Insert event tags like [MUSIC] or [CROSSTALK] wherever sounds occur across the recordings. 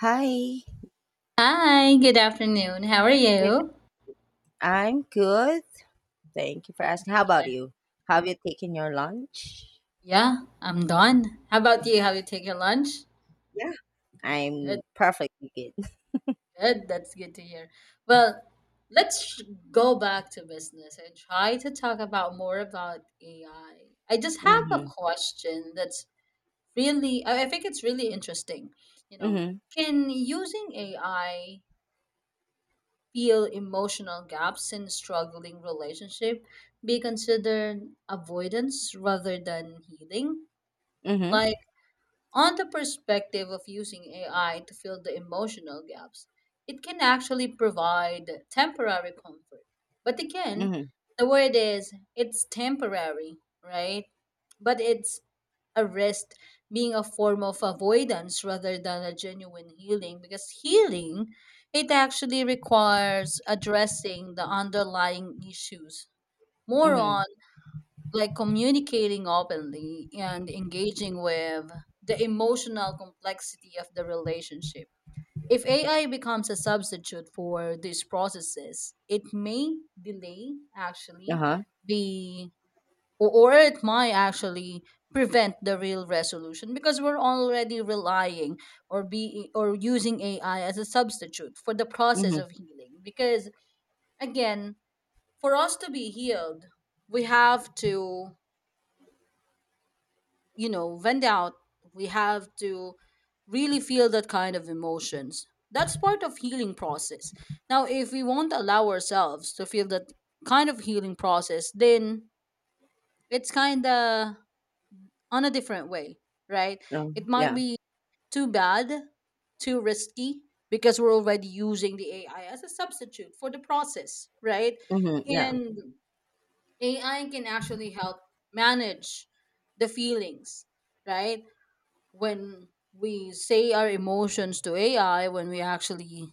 Hi. Hi, good afternoon. How are Good. you? I'm good. Thank you for Good to asking. How about hear. you? Have you taken your lunch? Yeah, I'm Yep. done. How about you? Have you taken your lunch? Yeah. Good, I'm perfectly good. good. That's good to hear. Well, let's sh- Go back to business and try to talk about more about AI. I just have a Mm-hmm. question that's really, I think it's really interesting. You know, Mm-hmm. can using AI fill emotional gaps in struggling relationship be considered avoidance rather than healing? Mm-hmm. Like, on the perspective of using AI to fill the emotional gaps, it can actually provide temporary comfort. But again, Mm-hmm. the word is it's temporary, right? But it's a rest being a form of avoidance rather than a genuine healing, because healing, it actually requires addressing the underlying issues, more Mm-hmm. on like communicating openly and engaging with the emotional complexity of the relationship. If AI becomes a substitute for these processes, it may delay actually Uh-huh. the or it might actually prevent the real resolution, because we're already relying or be or using AI as a substitute for the process Mm-hmm. of healing. Because again, for us to be healed, we have to, you know, when they're out, we have to really feel that kind of emotions. That's part of healing process. Now if we won't allow ourselves to feel that kind of healing process, then it's kind of on a different way, right? Oh, It might yeah. be too bad, too risky, because we're already using the AI as a substitute for the process, right? Mm-hmm. Yeah. And AI can actually help manage the feelings, right? When we say our emotions to AI, when we actually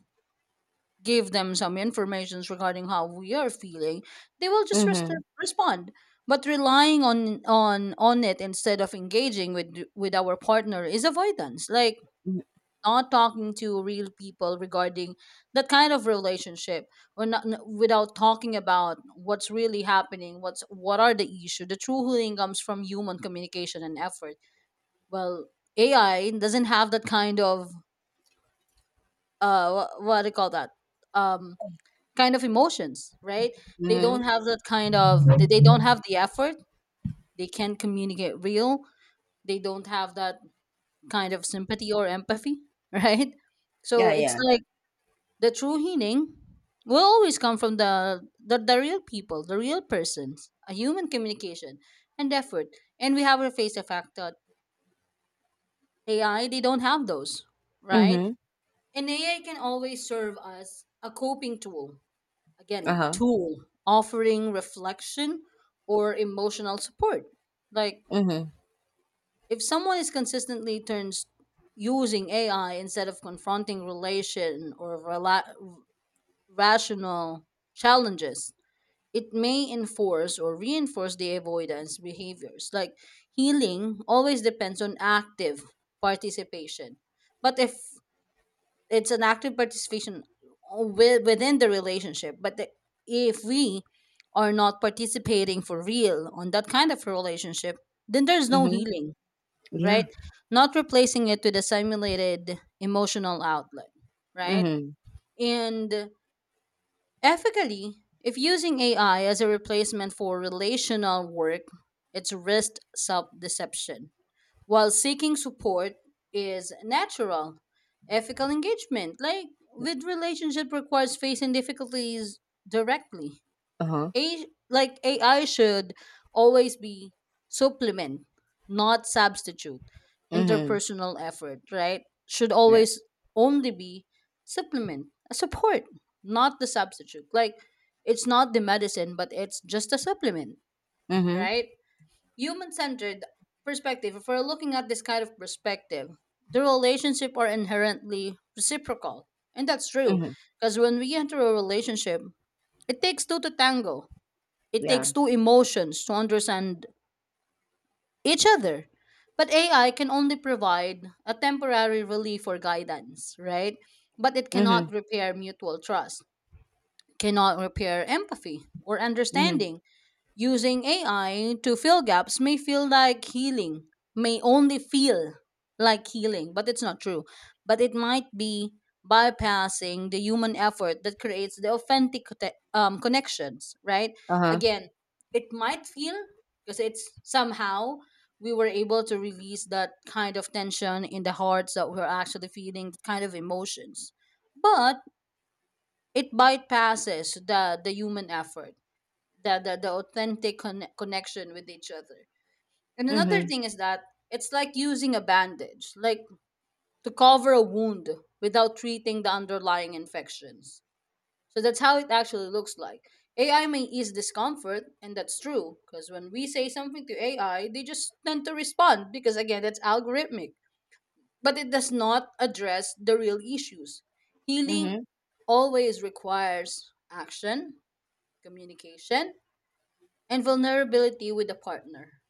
give them some informations regarding how we are feeling, they will just Mm-hmm. respond. But relying on on it instead of engaging with our partner is avoidance. Like Mm-hmm. not talking to real people regarding that kind of relationship, or not without talking about what's really happening, what's what are the issue. The true healing comes from human communication and effort. Well, AI doesn't have that kind of what do you call that, um kind of emotions, right? They don't Mm-hmm. have that kind of, they don't have the effort, they can't communicate real, they don't have that kind of sympathy or empathy [LAUGHS] right? So Yeah, it's yeah. like the true healing will always come from the the real people, the real persons, a human communication and effort. And we have a face effect that AI, they don't have those, right? Mm-hmm. And AI can always serve as a coping tool, again, Uh-huh. tool offering reflection or emotional support. Like Mm-hmm. if someone is consistently turns using AI instead of confronting relation or rational challenges, it may enforce or reinforce the avoidance behaviors. Like healing always depends on active participation. But if it's an active participation within the relationship, but the, if we are not participating for real on that kind of relationship, then there's no Mm-hmm. healing, Yeah. right? Not replacing it with a simulated emotional outlet, right? Mm-hmm. And ethically, if using AI as a replacement for relational work, it's risk self-deception. While seeking support is natural, ethical engagement like with relationship requires facing difficulties directly. Uh-huh. A, like AI should always be supplement, not substitute Mm-hmm. interpersonal effort, right? Should Yeah. always only be supplement, a support, not the substitute. Like it's not the medicine, but it's just a supplement, Mm-hmm. right? Human-centered perspective, if we're looking at this kind of perspective, the relationship are inherently reciprocal, and that's true, Mm-hmm. because when we enter a relationship, it takes two to tango, it takes Yeah. two emotions to understand each other. But AI can only provide a temporary relief or guidance, right? But it Mm-hmm. cannot repair mutual trust, cannot repair empathy or Mm-hmm. understanding. Using AI to fill gaps may feel like healing, may only feel like healing, but it's not true. But it might be bypassing the human effort that creates the authentic connections, right? Uh-huh. Again, it might feel, because it's somehow we were able to release that kind of tension in the hearts that we're actually feeling, that kind of emotions. But it bypasses the human effort, the the authentic connection with each other. And another Mm-hmm. thing is that it's like using a bandage, like to cover a wound without treating the underlying infections. So that's how it actually looks like. AI may ease discomfort, and that's true, because when we say something to AI, they just tend to respond, because again, that's algorithmic. But it does not address the real issues. Healing Mm-hmm. always requires action, communication, and vulnerability with a partner.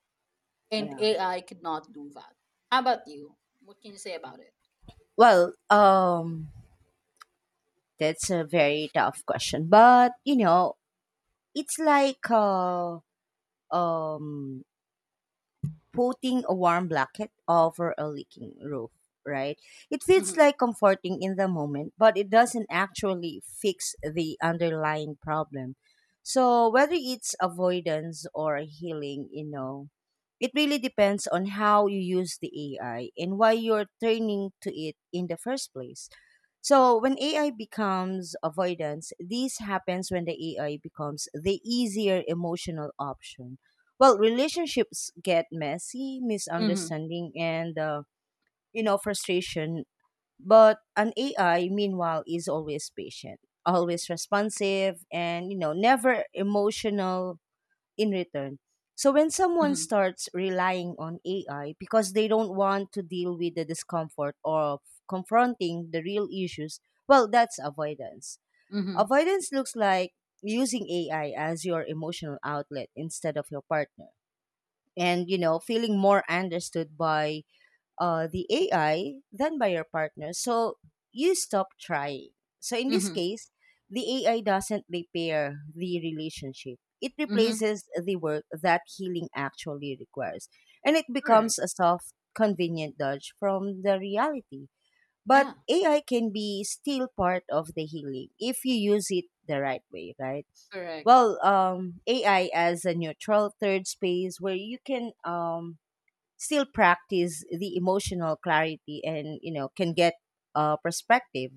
And Yeah. AI could not do that. How about you? What can you say about it? Well, that's a very tough question. But, you know, it's like um, putting a warm blanket over a leaking roof, right? It feels Mm-hmm. like comforting in the moment, but it doesn't actually fix the underlying problem. So, whether it's avoidance or healing, you know, it really depends on how you use the AI and why you're turning to it in the first place. So when AI becomes avoidance, this happens when the AI becomes the easier emotional option. Well, relationships get messy, Mm-hmm. misunderstanding, and you know, frustration. But an AI, meanwhile, is always patient, always responsive, and, you know, never emotional in return. So when someone Mm-hmm. starts relying on AI because they don't want to deal with the discomfort of confronting the real issues, well, that's avoidance. Mm-hmm. Avoidance looks like using AI as your emotional outlet instead of your partner. And, you know, feeling more understood by the AI than by your partner. So you stop trying. So in this Mm-hmm. case, the AI doesn't repair the relationship. It Mm-hmm. replaces the work that healing actually requires. And it becomes Correct. a soft, convenient dodge from the reality. But Yeah. AI can be still part of the healing if you use it the right way, right? Correct. Well, AI as a neutral third space where you can still practice the emotional clarity, and you know, can get perspective,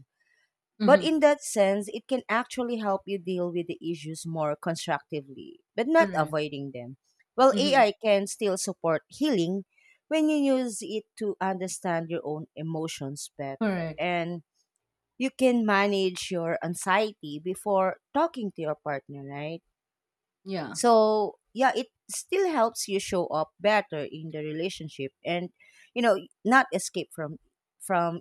but Mm-hmm. in that sense it can actually help you deal with the issues more constructively, but not Correct. avoiding them. Well, Mm-hmm. AI can still support healing when you use it to understand your own emotions better, Correct. and you can manage your anxiety before talking to your partner, right? Yeah. So yeah, it still helps you show up better in the relationship and, you know, not escape from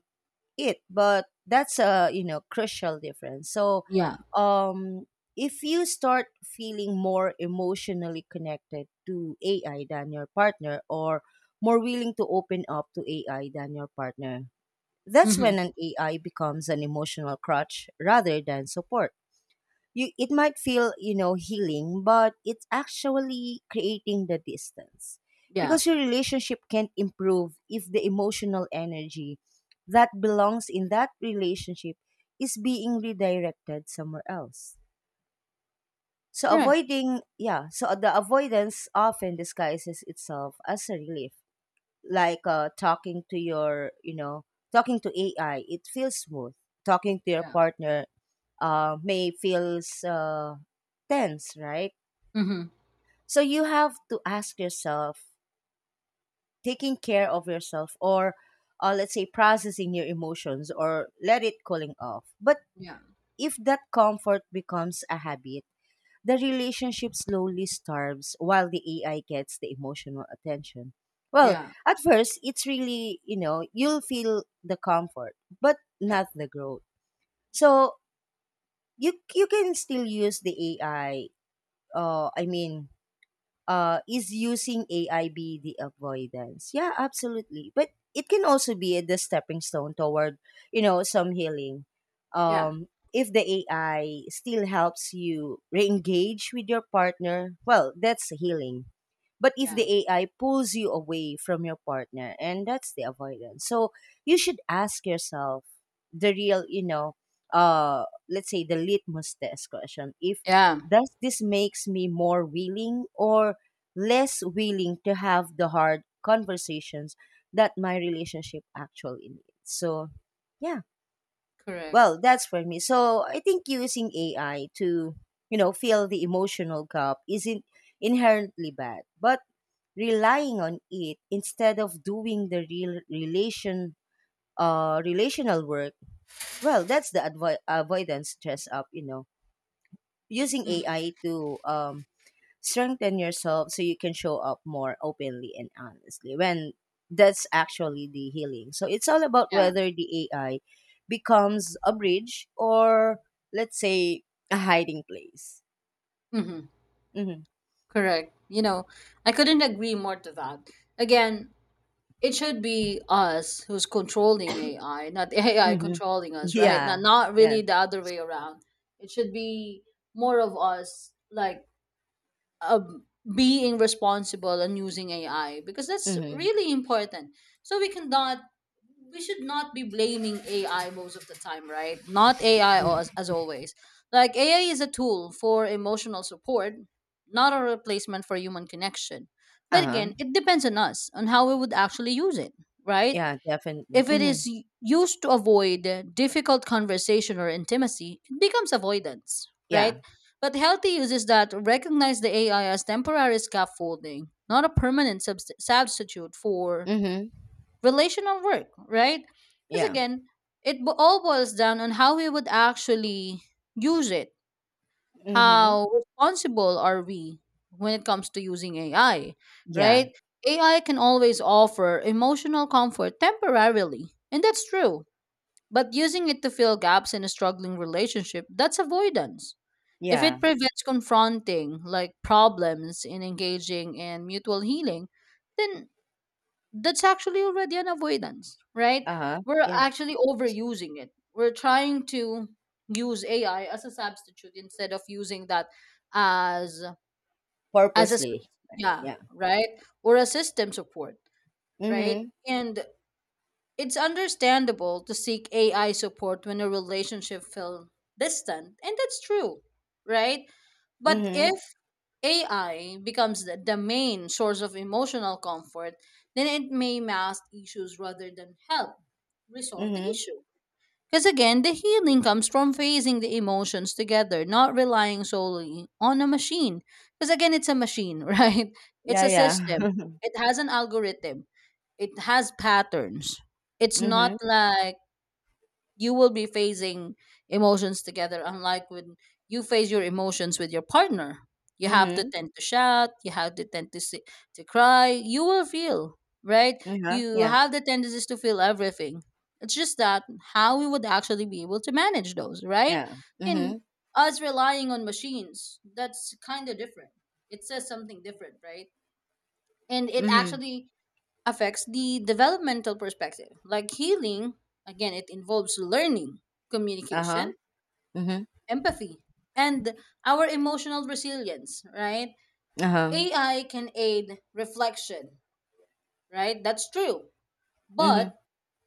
it. But that's a, you know, crucial difference. So Yeah. um if you start feeling more emotionally connected to AI than your partner, or more willing to open up to AI than your partner, that's Mm-hmm. when an AI becomes an emotional crutch rather than support. You, it might feel, you know, healing, but it's actually creating the distance, Yeah. because your relationship can't improve if the emotional energy that belongs in that relationship is being redirected somewhere else. So Correct. avoiding, yeah, so the avoidance often disguises itself as a relief. Like, talking to your, you know, talking to AI, it feels smooth. Talking to your Yeah. partner may feels tense, right? Mm-hmm. So you have to ask yourself, taking care of yourself, or let's say processing your emotions, or let it cooling off. But Yeah. if that comfort becomes a habit, the relationship slowly starves while the AI gets the emotional attention. Well, Yeah. at first, it's really, you know, you'll feel the comfort, but not Yep. the growth. So you can still use the AI. I mean, is using AIB the avoidance? Yeah, absolutely. But it can also be the stepping stone toward, you know, some healing. Yeah. If the AI still helps you re-engage with your partner, well, that's healing. But if Yeah. the AI pulls you away from your partner, and that's the avoidance. So you should ask yourself the real, you know, let's say the litmus test question. If Yeah. does this makes me more willing or less willing to have the hard conversations that my relationship actually needs? So yeah. Correct. Well, that's for me. So I think using AI to, you know, fill the emotional gap isn't inherently bad, but relying on it instead of doing the real relation, relational work, well, that's the avoidance dress up, you know. Using Mm-hmm. AI to strengthen yourself so you can show up more openly and honestly, when that's actually the healing. So it's all about Yeah. whether the AI becomes a bridge or, let's say, a hiding place. Mm-hmm. Mm-hmm. Correct. You know, I couldn't agree more to that. Again, it should be us who's controlling AI, not [LAUGHS] AI Mm-hmm. controlling us, [LAUGHS] right? Yeah. Not Yeah. really the other way around. It should be more of us, like, um, being responsible and using AI, because that's Mm-hmm. really important. So we cannot, we should not be blaming AI most of the time, right? Not AI Mm-hmm. as always. Like AI is a tool for emotional support, not a replacement for human connection. But Uh-huh. again, it depends on us on how we would actually use it, right? Yeah, definitely. If it Mm-hmm. is used to avoid difficult conversation or intimacy, it becomes avoidance, right? Yeah. But healthy uses that recognize the AI as temporary scaffolding, not a permanent substitute for Mm-hmm. relational work, right? Because Yeah. again, it all boils down on how we would actually use it. Mm-hmm. How responsible are we when it comes to using AI, Yeah, right? AI can always offer emotional comfort temporarily, and that's true. But using it to fill gaps in a struggling relationship, that's avoidance. If yeah. it prevents confronting like problems in engaging in mutual healing, then that's actually already an avoidance, right? Uh-huh, We're yeah. actually overusing it. We're trying to use AI as a substitute instead of using that as as a s- Purposely. yeah, Yeah. right? Or a system support, right? Mm-hmm. And it's understandable to seek AI support when a relationship feels distant, and that's true, right? But Mm-hmm. if AI becomes the main source of emotional comfort, then it may mask issues rather than help resolve the Mm-hmm. issue. Because again, the healing comes from phasing the emotions together, not relying solely on a machine. Because again, it's a machine, [LAUGHS] right? It's Yeah. a Yeah. system, it has an algorithm, it has patterns. [LAUGHS] It's not Mm-hmm. like you will be facing emotions together, unlike when you face your emotions with your partner. You have to Mm-hmm. tend to shout, you have to tend to si to cry, you will feel, right? Uh-huh. You Yeah. have the tendencies to feel everything. It's just that how we would actually be able to manage those, right? Yeah. And Mhm. us relying on machines, that's kind of different, it says something different, right? And it Mhm. actually affects the developmental perspective. Like healing, again, it involves learning, Uh-huh. communication, Mhm. empathy, and our emotional resilience, right? Uh-huh. AI can aid reflection, right? That's true. Mhm. But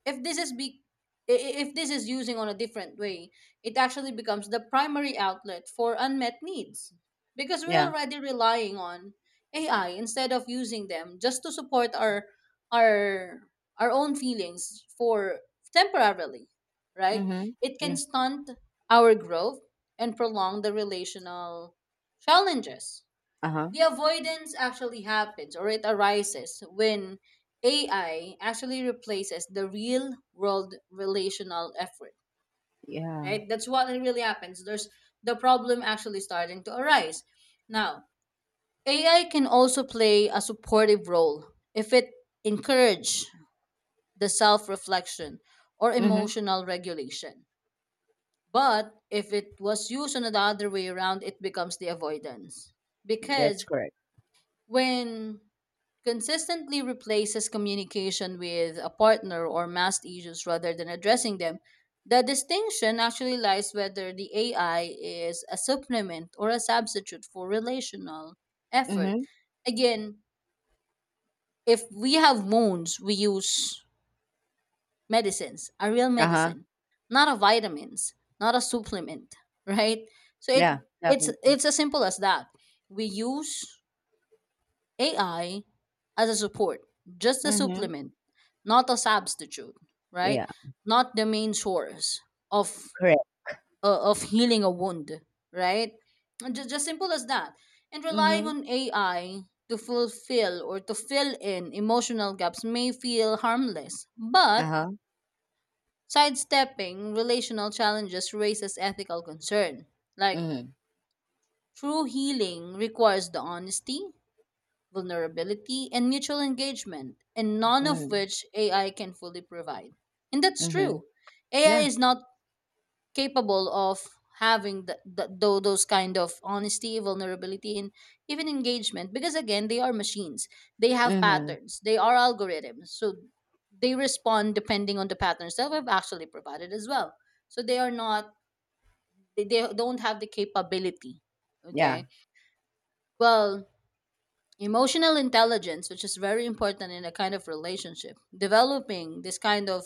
if this is be if this is using on a different way, it actually becomes the primary outlet for unmet needs, because we're Yeah. already relying on AI instead of using them just to support our our our own feelings for temporarily, right? Mhm. It can Yeah. stunt our growth and prolong the relational challenges. Uh-huh. The avoidance actually happens or it arises when AI actually replaces the real world relational effort, Yeah. right? That's what it really happens. There's the problem actually starting to arise. Now, AI can also play a supportive role if it encourage the self-reflection or Mhm. emotional regulation. But if it was used on the other way around, it becomes the avoidance. That's Because correct. when consistently replaces communication with a partner or masked issues rather than addressing them. The distinction actually lies whether the AI is a supplement or a substitute for relational effort. Mhm. Again, if we have wounds, we use medicines, a real Uh-huh. medicine, not a vitamins, not a supplement, [LAUGHS] right? So Yeah. Definitely. it's as simple as that. We use AI as a support, just a Mhm. supplement, not a substitute, right? Yeah. Not the main source of Correct. Of healing a wound, right? Just simple as that. And relying Mhm. on AI to fulfill or to fill in emotional gaps may feel harmless, but Uh-huh. sidestepping relational challenges raises ethical concern. Like Mhm. true healing requires the honesty, vulnerability, and mutual engagement, and none of Mhm. which AI can fully provide. And that's Mhm. true. AI Yeah. is not capable of having the, those kind of honesty, vulnerability, and even engagement, because, again, they are machines. They have Mhm. patterns, they are algorithms. So they respond depending on the patterns that we've actually provided as well. So they are not, they don't have the capability. Yeah. Okay. Well, Emotional intelligence, which is very important in a kind of relationship. Developing this kind of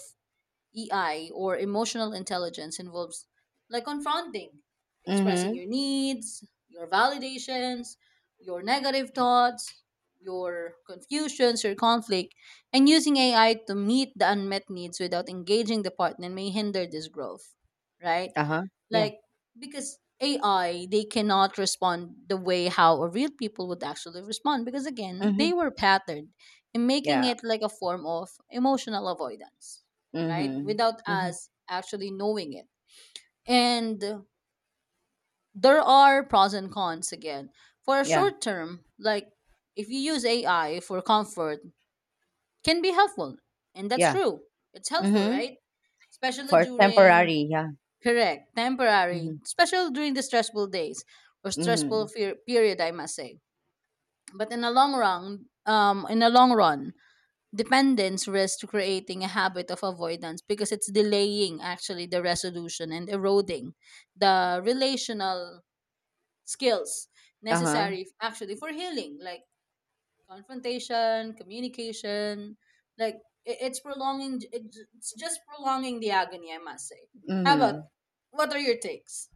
EI or emotional intelligence involves confronting, expressing Mhm. your needs, your validations, your negative thoughts, your confusions, your conflict, and using AI to meet the unmet needs without engaging the partner may hinder this growth, right? Uh-huh. Yeah. like because AI they cannot respond the way how a real people would actually respond because again they Mhm. were patterned, in making Yeah. it like a form of emotional avoidance, right, Mhm. without Mhm. us actually knowing it. And there are pros and cons again. For a Yeah. short term, like if you use AI for comfort, can be helpful, and that's Yeah. true, it's helpful, Mhm. right, especially For during. temporary. Yeah. Correct. Temporary, Mhm. special during the stressful days or stressful Mhm. fear period, I must say. But in a long run, in a long run, dependence risks creating a habit of avoidance because it's delaying actually the resolution and eroding the relational skills Uh-huh. necessary actually for healing, like confrontation, communication, like it's prolonging. It's just prolonging the agony, I must say. How about, Mhm. what are your takes?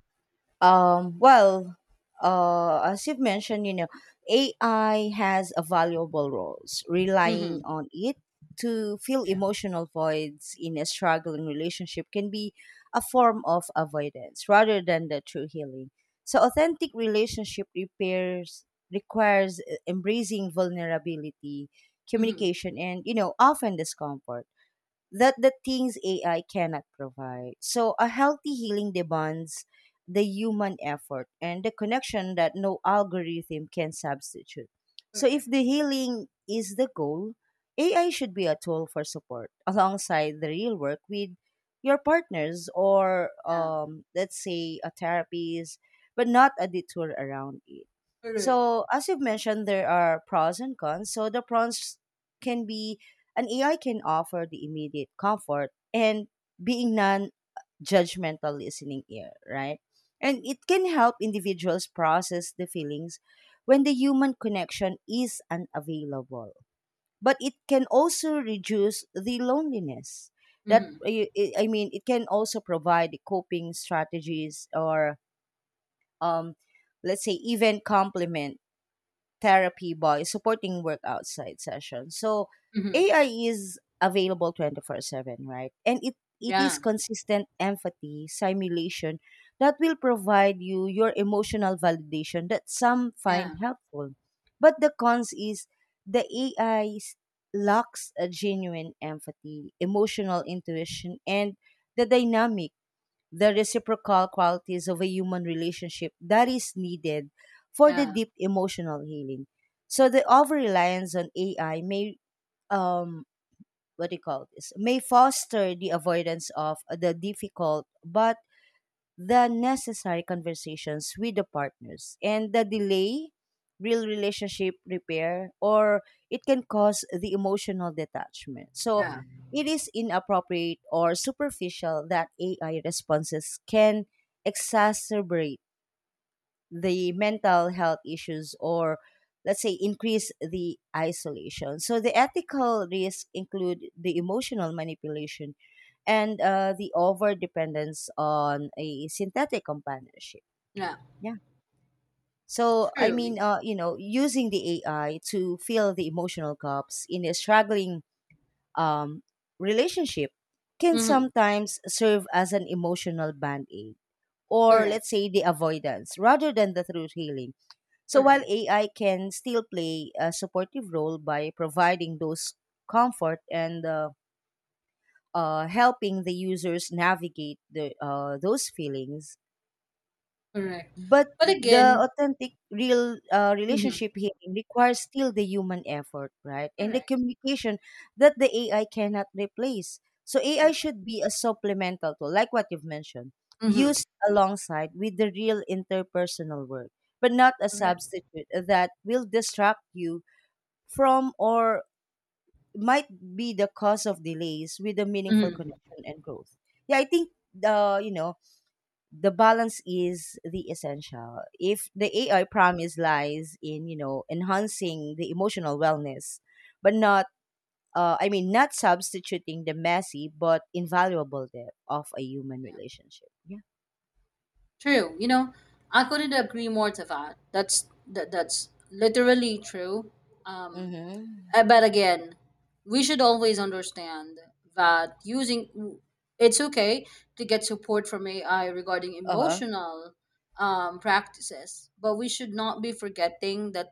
Well, as you've mentioned, you know, AI has a valuable roles. Relying Mm-hmm. on it to fill Yeah. emotional voids in a struggling relationship can be a form of avoidance rather than the true healing. So, authentic relationship repairs requires embracing vulnerability, Mhm. communication, and, you know, often discomfort, that the things AI cannot provide. So a Yeah, yeah. healthy healing demands the human effort and the connection that no algorithm can substitute. So if Correct. the healing is the goal, AI should be a tool for support alongside the real work with your partners, or Yeah. Let's say a therapist, but not a detour around it. Correct. So as you've mentioned, there are pros and cons. So the pros can be an AI can offer the immediate comfort and being non judgmental listening ear, right? And it can help individuals process the feelings when the human connection is unavailable. But it can also reduce the loneliness. That Mhm. I I mean, it can also provide coping strategies or um, let's say even complement therapy boy supporting work outside sessions. So Mhm. AI is available 24/7, right? And it is Yeah. consistent empathy simulation that will provide you your emotional validation that some find Yeah. helpful. But the cons is the AI lacks a genuine empathy, emotional intuition, and the dynamic, the reciprocal qualities of a human relationship that is needed for the Yeah. deep emotional healing. So the over reliance on AI may um what do you call this, may foster the avoidance of the difficult but the necessary conversations with the partners, and the delay real relationship repair, or it can cause the emotional detachment. So Yeah. it is inappropriate or superficial that AI responses can exacerbate the mental health issues, or let's say increase the isolation. So the ethical risks include the emotional manipulation, and the over dependence on a synthetic companionship. Yeah. Yeah, so I True. mean, you know, using the AI to fill the emotional gaps in a struggling um, relationship can Mhm. sometimes serve as an emotional band aid, or Correct. let's say the avoidance rather than the true healing. So while Correct. AI can still play a supportive role by providing those comfort and helping the users navigate those feelings, Correct. but But the again, authentic real mhm. relationship here requires still the human effort, right? And the Correct. communication that the AI cannot replace. So AI Correct. should be a supplemental tool, like what you've mentioned, Mhm. used alongside with the real interpersonal work, but not a Correct. substitute that will distract you from, or might be the cause of delays with a meaningful Mhm. connection and growth. Yeah, I think the, you know, the balance is the essential. If the Yeah. AI promise lies in, you know, enhancing the emotional wellness, but not I mean not substituting the messy but invaluable depth of a human relationship. Yeah. True. You know, I couldn't agree more to that. That's literally true. Um Mm-hmm. But again, we should always understand that using, it's okay to get support from AI regarding Uh huh. emotional practices, but we should not be forgetting that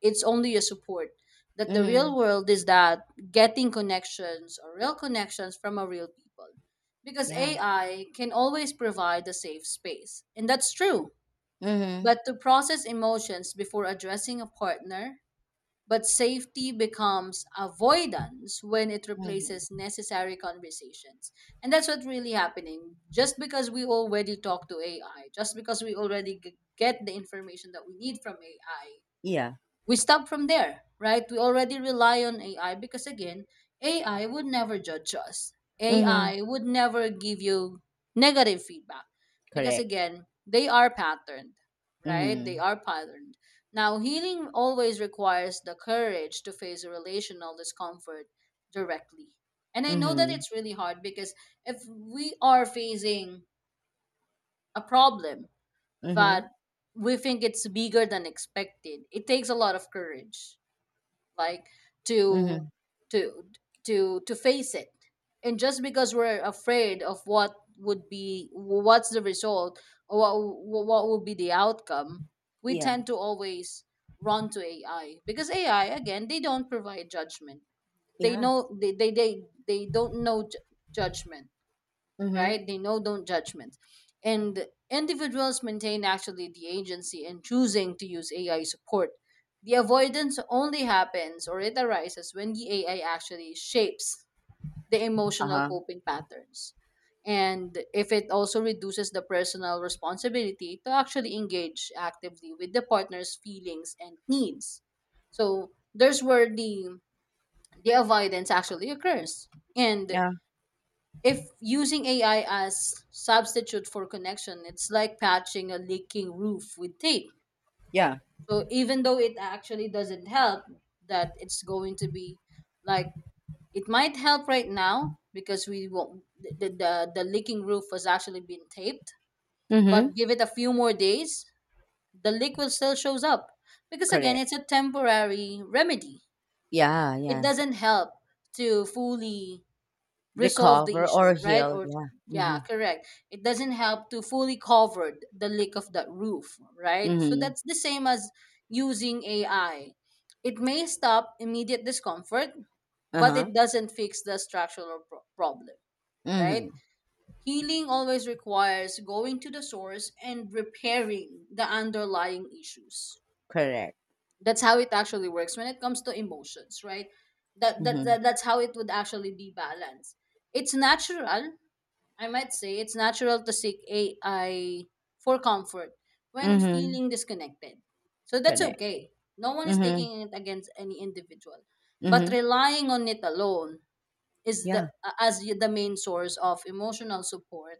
it's only a support. That the real Mm-hmm. world is that getting connections or real connections from a real people, because Yeah. AI can always provide a safe space, and that's true. Mm-hmm. But to process emotions before addressing a partner, but safety becomes avoidance when it replaces Mm-hmm. necessary conversations. And that's what's really happening. Just because we already talk to AI, just because we already get the information that we need from AI, Yeah. we stop from there, right? We already rely on AI because, again, AI would never judge us. Mm-hmm. AI would never give you negative feedback because, Correct. again, they are patterned, right? They Mm-hmm. are patterned. Now, healing always requires the courage to face a relational discomfort directly. And I know that Mm-hmm. it's really hard because if we are facing a problem Mm-hmm. that we think it's bigger than expected, it takes a lot of courage, like to Mm-hmm. to to face it. And just because we're afraid of what would be, what's the result, or what would be the outcome, we Yeah. tend to always run to AI, because AI, again, they don't provide judgment. They Yeah. know, they don't know judgment, Mm-hmm. right? They know don't judgment. And individuals maintain actually the agency in choosing to use AI support. The avoidance only happens, or it arises when the AI actually shapes the emotional Uh-huh. coping patterns. And if it also reduces the personal responsibility to actually engage actively with the partner's feelings and needs. So there's where the avoidance actually occurs. And Yeah. if using AI as substitute for connection, it's like patching a leaking roof with tape. Yeah. So even though it actually doesn't help, that it's going to be like, it might help right now because we won't, the leaking roof was actually been taped. Mm-hmm. But give it a few more days, the leak will still shows up because again, Correct. it's a temporary remedy. Yeah, It yeah. doesn't help to fully resolve the Recover or issue, right? heal. Or Yeah. yeah, Mhm. correct. It doesn't help to fully cover the leak of that roof, right? So Mhm. that's the same as using AI. It may stop immediate discomfort, but Uh-huh. it doesn't fix the structural problem, right? Mhm. Healing always requires going to the source and repairing the underlying issues. Correct. That's how it actually works when it comes to emotions, right? Mhm. That's how it would actually be balanced. It's natural, I might say it's natural to seek AI for comfort when Mhm. feeling disconnected. So that's Correct. okay. No one is Mhm. taking it against any individual, but Mhm. relying on it alone is the, Yeah. as the main source of emotional support,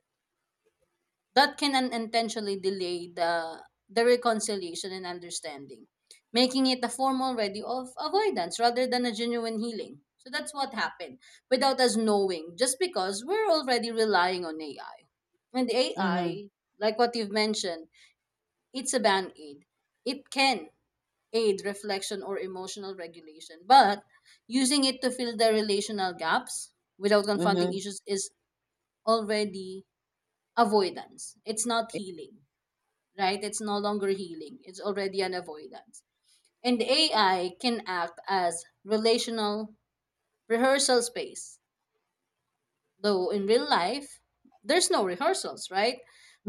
that can unintentionally delay the reconciliation and understanding, making it a form already of avoidance rather than a genuine healing. So that's what happened without us knowing, just because we're already relying on AI. And Mhm. AI, like what you've mentioned, it's a band aid. It can aid reflection or emotional regulation, but using it to fill the relational gaps without confronting Mhm. issues is already avoidance. It's not healing, right? It's no longer healing, it's already an avoidance. And AI can act as relational rehearsal space, though in real life, there's no rehearsals, right?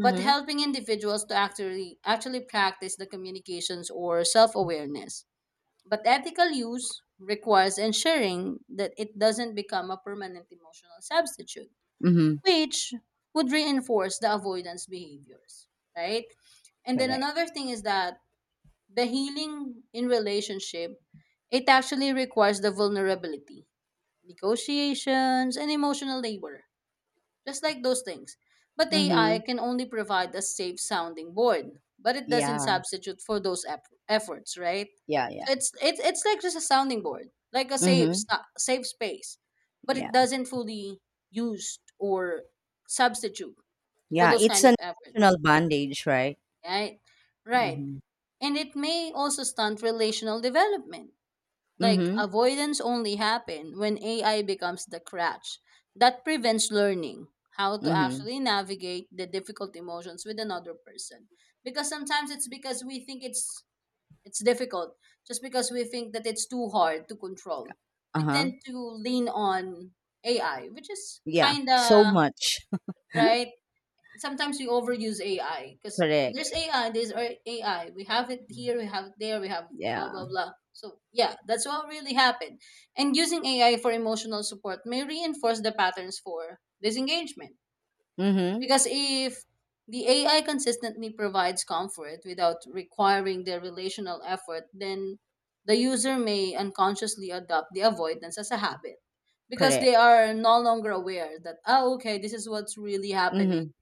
But helping individuals to actually actually practice the communications or self-awareness. But ethical use requires ensuring that it doesn't become a permanent emotional substitute, Mhm. which would reinforce the avoidance behaviors, right? And then Correct. another thing is that the healing in relationship, it actually requires the vulnerability, negotiations, and emotional labor, just like those things. But AI Mhm. can only provide a safe sounding board, but it doesn't Yeah. substitute for those efforts, right? Yeah, yeah. So it's like just a sounding board, like a Mhm. Safe space, but it Yeah. doesn't fully use or substitute for Yeah, those it's kind of an effort, emotional bandage, right? right? Right. Mhm. And it may also stunt relational development. Like Mhm. avoidance only happen when AI becomes the crutch that prevents learning how to Mhm. actually navigate the difficult emotions with another person. Because sometimes it's because we think it's difficult, just because we think that it's too hard to control. We Uh-huh. tend to lean on AI, which is Yeah. So kinda, much. [LAUGHS] right, sometimes we overuse AI because there's Correct. AI, there's AI. We have it here, we have it there, we have blah blah Yeah. blah. So yeah, that's what really happened. And using AI for emotional support may reinforce the patterns for disengagement. Mhm. Because if the AI consistently provides comfort without requiring the relational effort, then the user may unconsciously adopt the avoidance as a habit because Correct. they are no longer aware that oh okay, this is what's really happening, Mhm.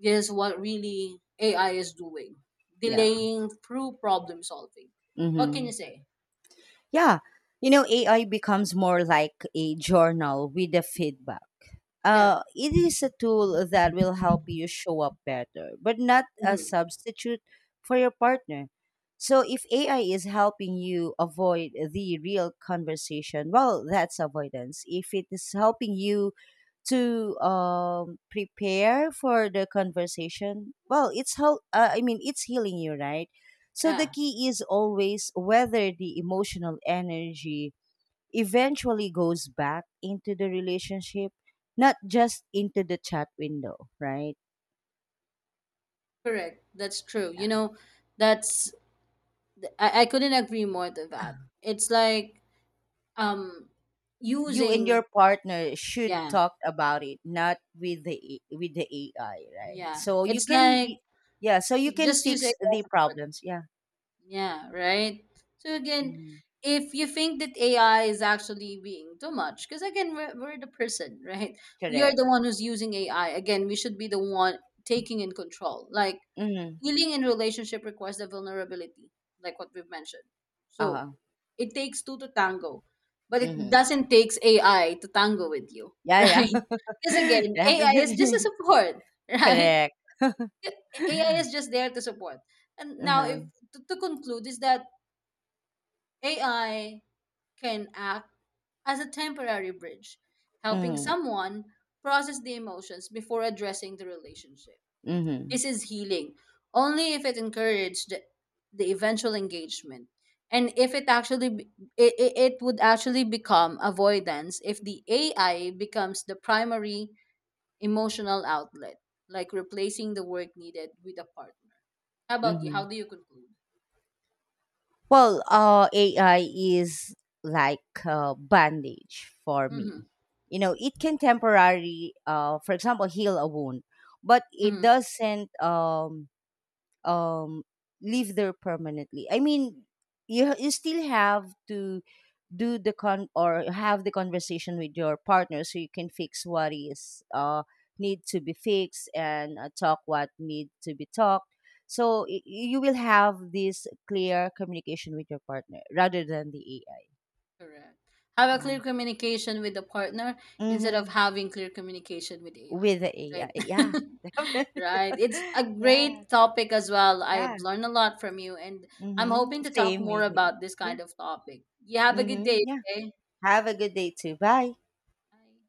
is what really AI is doing, Yeah. delaying through problem solving. What can Mhm. you say? Yeah. You know, AI becomes more like a journal with the feedback. Yeah. It is a tool that will help you show up better, but not a Hmm. substitute for your partner. So if AI is helping you avoid the real conversation, well, that's avoidance. If it is helping you to prepare for the conversation, well, it's help. I mean, it's healing you, right? So the Yeah. key is always whether the emotional energy eventually goes back into the relationship, not just into the chat window, right? Correct. That's true. You Yeah. know, that's I couldn't agree more to that. It's like um You and using, your partner should yeah, talk about it, not with the with the AI, right? yeah. So you It's can, like yeah. So you can just use AI fix the for. problems. Yeah. Yeah, right. So again, Mhm. if you think that AI is actually being too much, because again, we're the person, [LAUGHS] right? We are the Correct. one who's using AI. Again, we should be the one taking in control. Like Mm-hmm. healing in relationship requires the vulnerability, like what we've mentioned. So Uh, it takes two to tango, but it mm-hmm. doesn't takes AI to tango with you, [LAUGHS] Yeah. right? Yeah. Because [LAUGHS] again, AI is just a Definitely. support, [LAUGHS] [LAUGHS] right? Correct. AI is just there to support. And now, Uh-huh. if to conclude, is that AI can act as a temporary bridge, helping Mm-hmm. someone process the emotions before addressing the relationship. Mm-hmm. This is healing only if it encouraged the eventual engagement. And if it actually it would actually become avoidance if the AI becomes the primary emotional outlet, like replacing the work needed with a partner. How about you? Mm-hmm. How do you conclude? Well, AI is like a bandage for me. Mm-hmm. You know, it can temporarily, for example, heal a wound, but it Mm-hmm. doesn't. Um live there permanently. I mean, you still have to do the con, or have the conversation with your partner, so you can fix what is need to be fixed, and talk what need to be talked. So you will have this clear communication with your partner rather than the AI. Correct. Have a Yeah. clear communication with the partner instead Mm-hmm. of having clear communication with AI. With the AI, Right. [LAUGHS] yeah. Yeah. Right. It's [LAUGHS] a Yeah. great topic as well. I've Yeah. learned a lot from you, and I'm Mm-hmm. hoping to talk Same more with me. about this Yeah. kind of topic. You have a good day. Mm-hmm. Okay. Have a good day too. Bye. Bye.